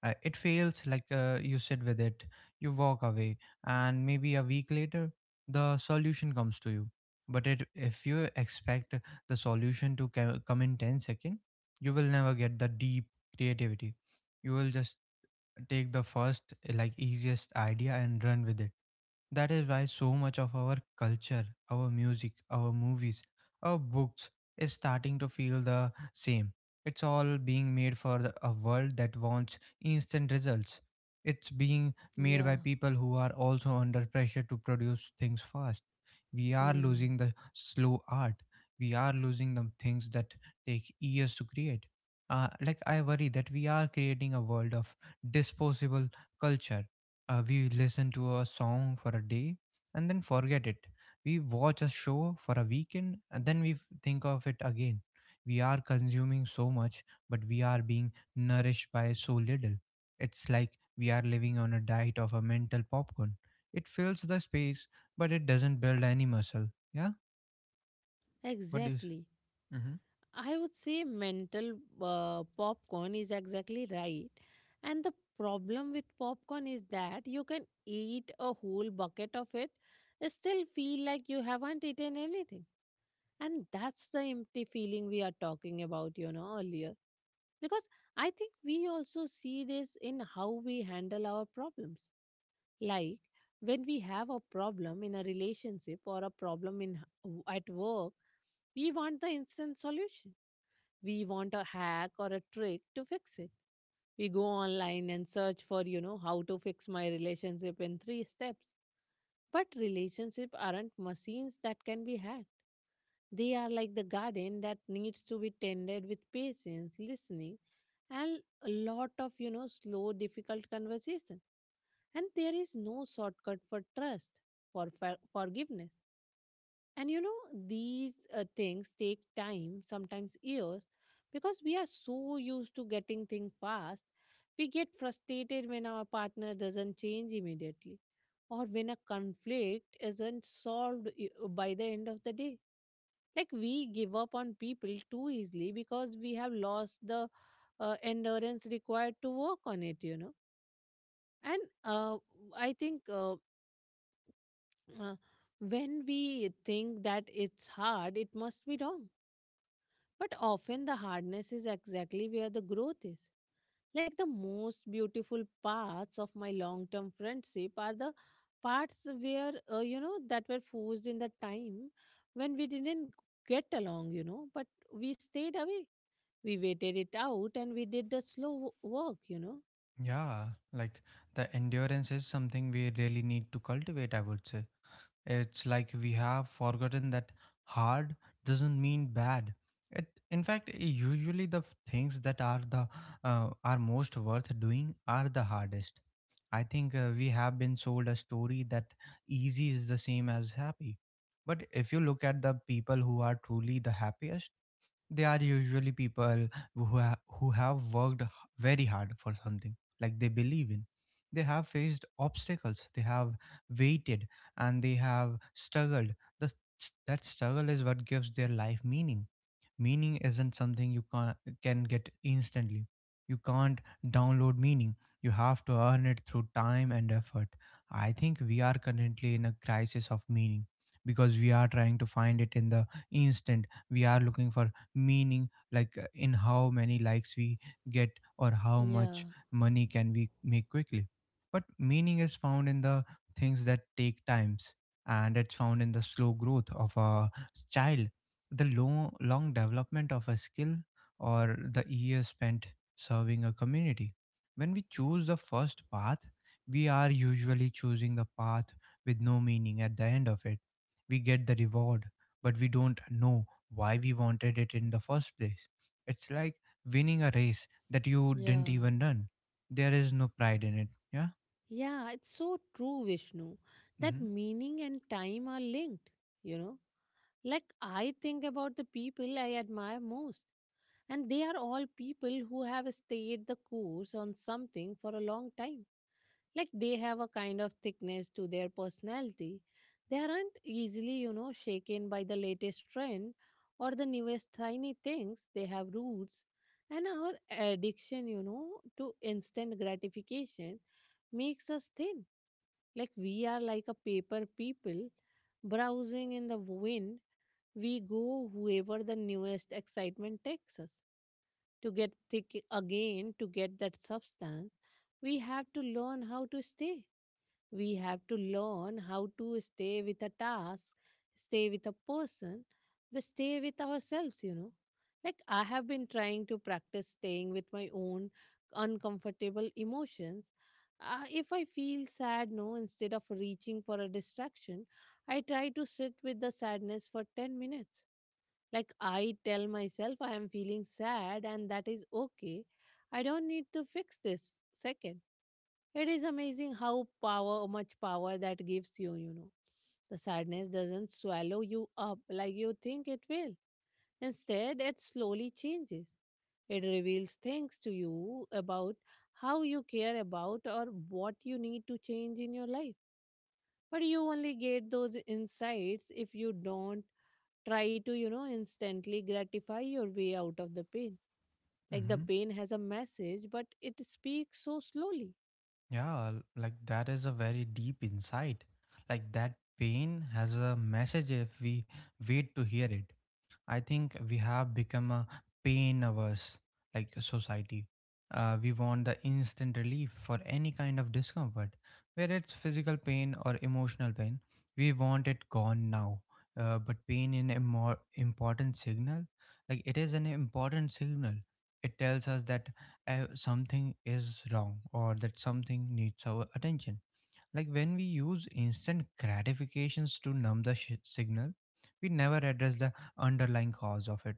Speaker 2: It fails, like, you sit with it, you walk away, and maybe a week later the solution comes to you. But if you expect the solution to come in 10 seconds, you will never get the deep creativity. You will just take the first, like, easiest idea and run with it. That is why so much of our culture, our music, our movies, our books is starting to feel the same. It's all being made for a world that wants instant results. It's being made
Speaker 1: Yeah.
Speaker 2: by people who are also under pressure to produce things fast. We are
Speaker 1: Hmm.
Speaker 2: losing the slow art. We are losing the things that take years to create. Like, I worry that we are creating a world of disposable culture. We listen to a song for a day and then forget it. We watch a show for a weekend and then think of it again. We are consuming so much, but we are being nourished by so little. It's like we are living on a diet of a mental popcorn. It fills the space, but it doesn't build any muscle. Yeah, what do you s-
Speaker 1: Exactly.
Speaker 2: Mhm.
Speaker 1: I would say mental popcorn is exactly right. And the problem with popcorn is that you can eat a whole bucket of it, still feel like you haven't eaten anything. And that's the empty feeling we are talking about, you know, earlier. Because I think we also see this in how we handle our problems. Like when we have a problem in a relationship or a problem in at work, we want the instant solution. We want a hack or a trick to fix it. We go online and search for, you know, how to fix my relationship in three steps. But relationships aren't machines that can be hacked. They are like the garden that needs to be tended with patience, listening, and a lot of, you know, slow, difficult conversation. And there is no shortcut for trust, for forgiveness, and you know, these things take time, sometimes years, because we are so used to getting things fast. We get frustrated when our partner doesn't change immediately or when a conflict isn't solved by the end of the day. Like we give up on people too easily because we have lost the endurance required to work on it, you know. And I think uh, when we think that it's hard, it must be wrong. But often the hardness is exactly where the growth is. Like the most beautiful parts of my long term friendship are the parts where, you know, that were forced in the time when we didn't get along, you know, but we stayed away. We waited it out and we did the slow work, you know.
Speaker 2: Yeah, like, the endurance is something we really need to cultivate, I would say. It's like we have forgotten that hard doesn't mean bad. It, in fact, usually things that are most worth doing are the hardest. I think we have been sold a story that easy is the same as happy. But if you look at the people who are truly the happiest, they are usually people who have worked very hard for something, like they believe in. They have faced obstacles, they have waited, and they have struggled. the, that struggle is what gives their life meaning. Meaning isn't something you can get instantly. You can't download meaning, you have to earn it through time and effort. I think we are currently in a crisis of meaning because we are trying to find it in the instant. We are looking for meaning, like, in how many likes we get, or how
Speaker 1: Yeah,
Speaker 2: much money can we make quickly. But meaning is found in the things that take times, and it's found in the slow growth of a child, the long, long development of a skill, or the years spent serving a community. When we choose the first path, we are usually choosing the path with no meaning at the end of it. We get the reward, but we don't know why we wanted it in the first place. It's like winning a race that you didn't
Speaker 1: yeah.
Speaker 2: even run. There is no pride in it. Yeah.
Speaker 1: Yeah, it's so true, Vishnu, that meaning and time are linked, you know. Like, I think about the people I admire most, and they are all people who have stayed the course on something for a long time. Like, they have a kind of thickness to their personality. They aren't easily, you know, shaken by the latest trend or the newest tiny things. They have roots. And our addiction, you know, to instant gratification makes us thin, like we are like a paper people browsing in the wind. We go whoever the newest excitement takes us. To get thick again, to get that substance, we have to learn how to stay. We have to learn how to stay with a task, stay with a person, we stay with ourselves, you know. Like, I have been trying to practice staying with my own uncomfortable emotions. If I feel sad, no, instead of reaching for a distraction, I try to sit with the sadness for 10 minutes. Like, I tell myself I am feeling sad and that is okay. I don't need to fix this second. It is amazing how power, much power that gives you, you know. The sadness doesn't swallow you up like you think it will. Instead, it slowly changes. It reveals things to you about how you care about or what you need to change in your life. But you only get those insights if you don't try to, you know, instantly gratify your way out of the pain. Like the
Speaker 2: Mm-hmm.
Speaker 1: pain has a message, but it speaks so slowly.
Speaker 2: Yeah, like that is a very deep insight. Like that pain has a message if we wait to hear it. I think we have become a pain averse, like, a society. We want the instant relief for any kind of discomfort, whether it's physical pain or emotional pain. We want it gone now. But pain in a more important signal, like, it is an important signal. It tells us that something is wrong or that something needs our attention. Like, when we use instant gratifications to numb the signal, we never address the underlying cause of it.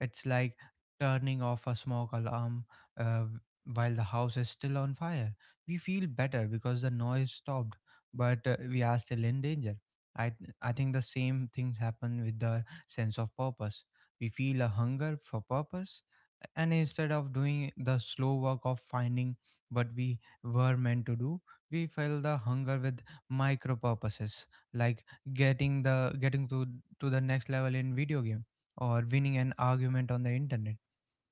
Speaker 2: It's like turning off a smoke alarm, uh, while the house is still on fire. We feel better because the noise stopped, but we are still in danger. I think the same things happen with the sense of purpose. We feel a hunger for purpose, and instead of doing the slow work of finding what we were meant to do, we fill the hunger with micro purposes, like getting to the next level in video game, or winning an argument on the internet.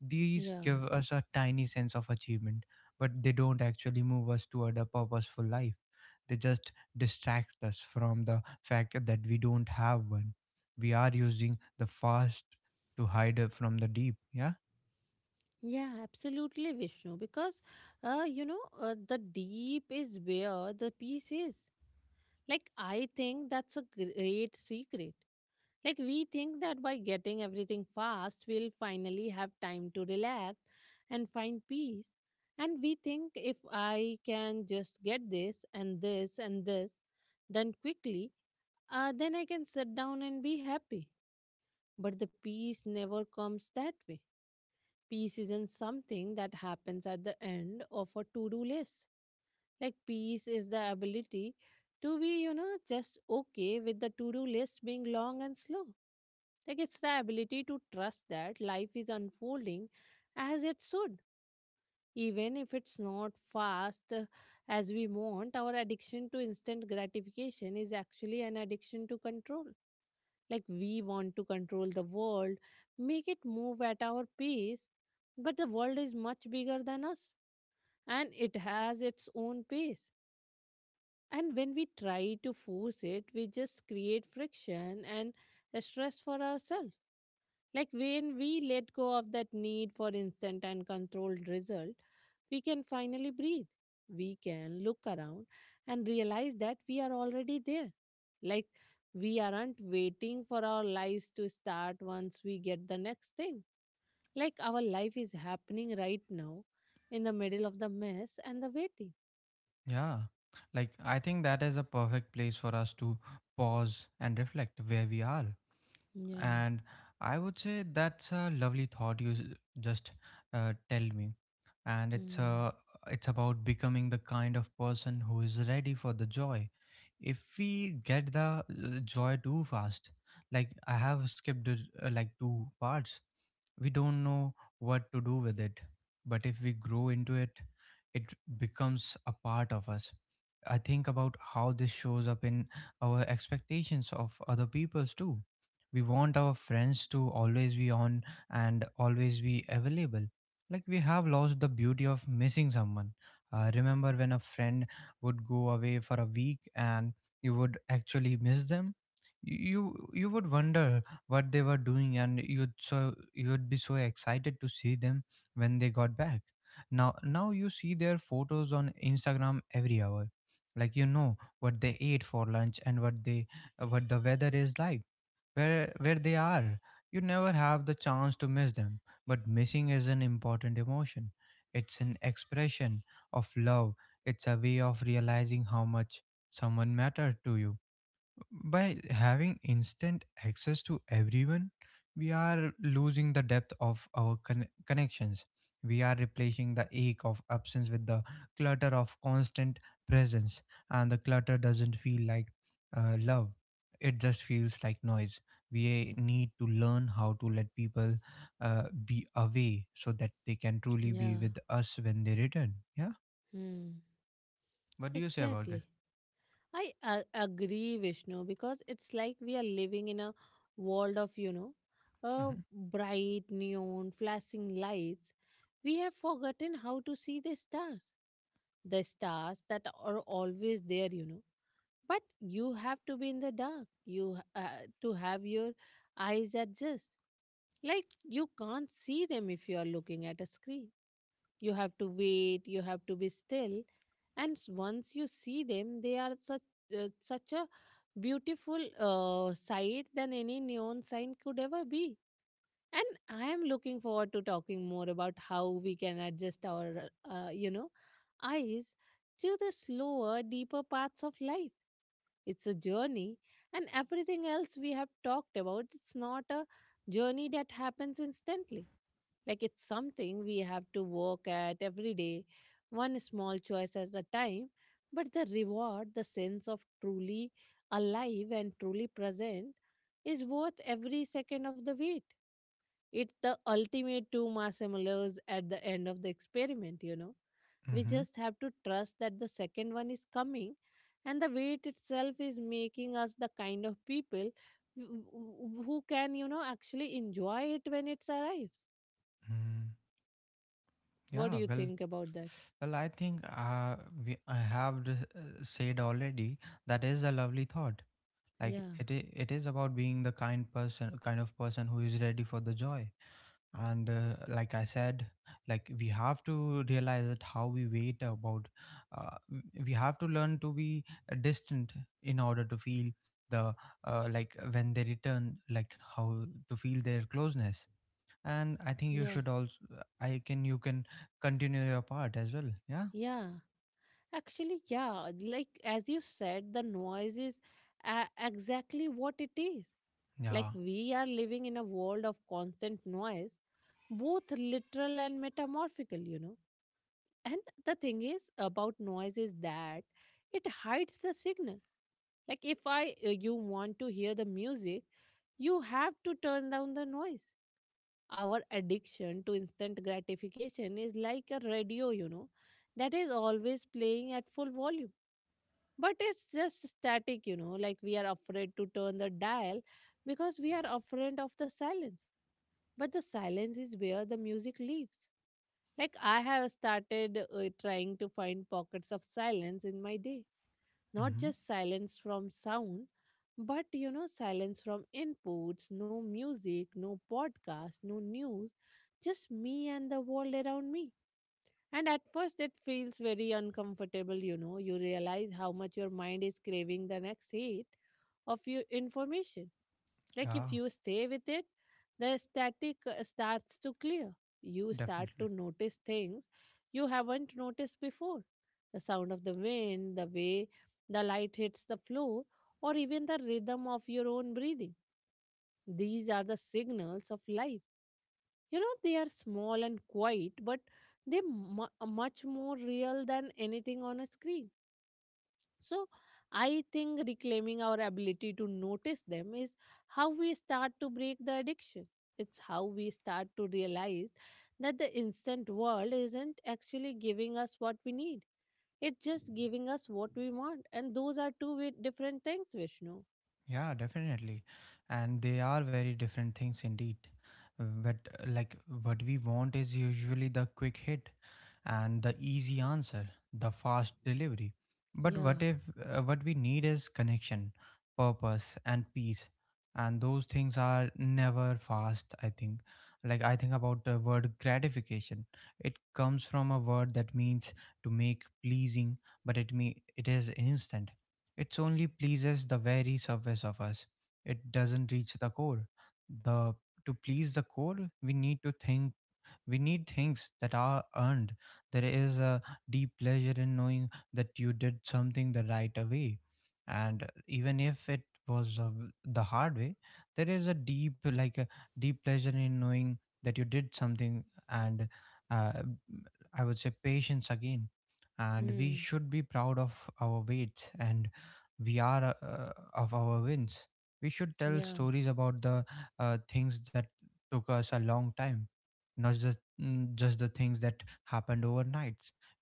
Speaker 2: These
Speaker 1: Yeah.
Speaker 2: give us a tiny sense of achievement, but they don't actually move us toward a purposeful life. They just distract us from the fact that we don't have one. We are using the fast to hide it from the deep. Yeah?
Speaker 1: Yeah, absolutely, Vishnu. Because you know, the deep is where the peace is. Like, I think that's a great secret. Like, we think that by getting everything fast, we'll finally have time to relax and find peace. And we think, if I can just get this and this and this done quickly, then I can sit down and be happy. But the peace never comes that way. Peace isn't something that happens at the end of a to do list. Like, peace is the ability to be, you know, just okay with the to do list being long and slow. Like, it's the ability to trust that life is unfolding as it should, even if it's not fast as we want. Our addiction to instant gratification is actually an addiction to control. Like we want to control the world, make it move at our pace, but the world is much bigger than us and it has its own pace. And when we try to force it, we just create friction and stress for ourselves. Like when we let go of that need for instant and controlled result, we can finally breathe. We can look around and realize that we are already there. Like we aren't waiting for our lives to start once we get the next thing. Like our life is happening right now, in the middle of the mess and the waiting.
Speaker 2: Yeah. Like, I think that is a perfect place for us to pause and reflect where we are.
Speaker 1: Yeah.
Speaker 2: And I would say that's a lovely thought you just, tell me. And
Speaker 1: Hmm.
Speaker 2: it's about becoming the kind of person who is ready for the joy. If we get the, joy too fast, like, I have skipped it, like two parts, we don't know what to do with it. But if we grow into it becomes a part of us. I think about how this shows up in our expectations of other people's too. We want our friends to always be on and always be available. Like, we have lost the beauty of missing someone. Remember when a friend would go away for a week and you would actually miss them? You you would wonder what they were doing, and you'd be so excited to see them when they got back. Now you see their photos on Instagram every hour. Like, you know what they ate for lunch, and what the weather is like, where they are. You never have the chance to miss them. But missing is an important emotion. It's an expression of love. It's a way of realizing how much someone mattered to you. By having instant access to everyone, we are losing the depth of our connections. We are replacing the ache of absence with the clutter of constant presence. And the clutter doesn't feel like, love. It just feels like noise. We need to learn how to let people, be away so that they can truly be
Speaker 1: Yeah.
Speaker 2: with us when they return. Yeah.
Speaker 1: Hmm.
Speaker 2: What do you say about that?
Speaker 1: Exactly. I agree, Vishnu, because it's like we are living in a world of, you know,
Speaker 2: Mm-hmm.
Speaker 1: bright neon flashing lights. We have forgotten how to see the stars that are always there, you know. But you have to be in the dark. You ha- to have your eyes adjust. Like you can't see them if you are looking at a screen. You have to wait, you have to be still, and once you see them, they are such such a beautiful sight than any neon sign could ever be. And I am looking forward to talking more about how we can adjust our, you know, eyes to the slower deeper paths of life. It's a journey, and everything else we have talked about, it's not a journey that happens instantly. Like it's something we have to work at every day, one small choice at a time. But the reward, the sense of truly alive and truly present, is worth every second of the wait. It's the ultimate two marshmallows at the end of the experiment, you know. We
Speaker 2: Mm-hmm.
Speaker 1: just have to trust that the second one is coming, and the wait itself is making us the kind of people who who can, you know, actually enjoy it when it's arrived.
Speaker 2: Mm.
Speaker 1: What do
Speaker 2: Yeah,
Speaker 1: you
Speaker 2: well.
Speaker 1: think about that?
Speaker 2: Well, I think we, I have d- said already that is a lovely thought. Like,
Speaker 1: Yeah,
Speaker 2: it is about being the kind of person who is ready for the joy. And, like I said, like, we have to realize that how we wait about, we have to learn to be, distant in order to feel the, like when they return, like, how to feel their closeness. And I think you
Speaker 1: yeah,
Speaker 2: should also, you can continue your part as well. Yeah.
Speaker 1: yeah. Actually, yeah, like as you said, the noise is exactly what it is. Like
Speaker 2: Yeah.
Speaker 1: we are living in a world of constant noise, both literal and metamorphical, you know. And the thing is about noise is that it hides the signal. Like if I you want to hear the music, you have to turn down the noise. Our addiction to instant gratification is like a radio, you know, that is always playing at full volume. But it's just static, you know, like we are afraid to turn the dial because we are afraid of the silence, but the silence is where the music lives. Like I have started, trying to find pockets of silence in my day, not
Speaker 2: Hmm.
Speaker 1: just silence from sound, but you know, silence from inputs, no music, no podcast, no news, just me and the world around me. And at first, it feels very uncomfortable, you know. You realize how much your mind is craving the next hit of your information. Like
Speaker 2: Yeah.
Speaker 1: if you stay with it, the static starts to clear. You start
Speaker 2: Definitely.
Speaker 1: to notice things you haven't noticed before. The sound of the wind, the way the light hits the floor, or even the rhythm of your own breathing. These are the signals of life. You know, they are small and quiet, but they're much more real than anything on a screen. So, I think reclaiming our ability to notice them is how we start to break the addiction. It's how we start to realize that the instant world isn't actually giving us what we need. It's just giving us what we want. And those are two different things, Vishnu.
Speaker 2: Yeah, definitely. And they are very different things indeed. But, like, what we want is usually the quick hit and the easy answer, the fast delivery. But
Speaker 1: Yeah.
Speaker 2: what if, what we need is connection, purpose and peace. And those things are never fast, I think. Like, I think about the word gratification. It comes from a word that means to make pleasing, but it is instant, it only pleases the very surface of us. It doesn't reach the core. The To please the core, we need to think, we need things that are earned. There is a deep pleasure in knowing that you did something the right way. And even if it was, the hard way, there is a deep, like, a deep pleasure in knowing that you did something, and uh, I would say patience again. And we
Speaker 1: Hmm.
Speaker 2: should be proud of our weights, and we are of our wins. We should tell
Speaker 1: Yeah.
Speaker 2: stories about the, things that took us a long time, not just the things that happened overnight.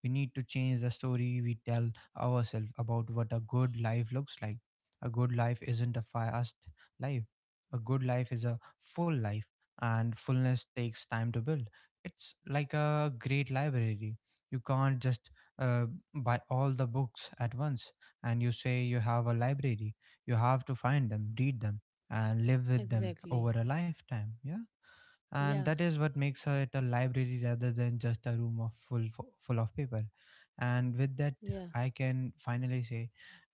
Speaker 2: We need to change the story we tell ourselves about what a good life looks like. A good life isn't a fast life. A good life is a full life, and fullness takes time to build. It's like a great library. You can't just, uh, buy all the books at once. And you say you have a library. You have to find them, read them, and live with them
Speaker 1: Exactly.
Speaker 2: over a lifetime. Yeah. And
Speaker 1: Yeah.
Speaker 2: that is what makes it a library rather than just a room of full of paper. And with that,
Speaker 1: Yeah.
Speaker 2: I can finally say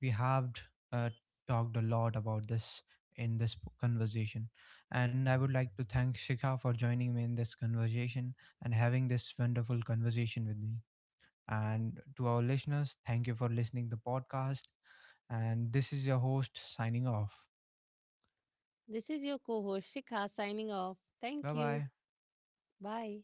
Speaker 2: we have, uh, talked a lot about this in this conversation. And I would like to thank Shikha for joining me in this conversation and having this wonderful conversation with me. And to our listeners, thank you for listening the podcast. And this is your host signing off.
Speaker 1: This is your co host, Shikha, signing off.
Speaker 2: Bye
Speaker 1: Thank
Speaker 2: bye.
Speaker 1: you. Bye.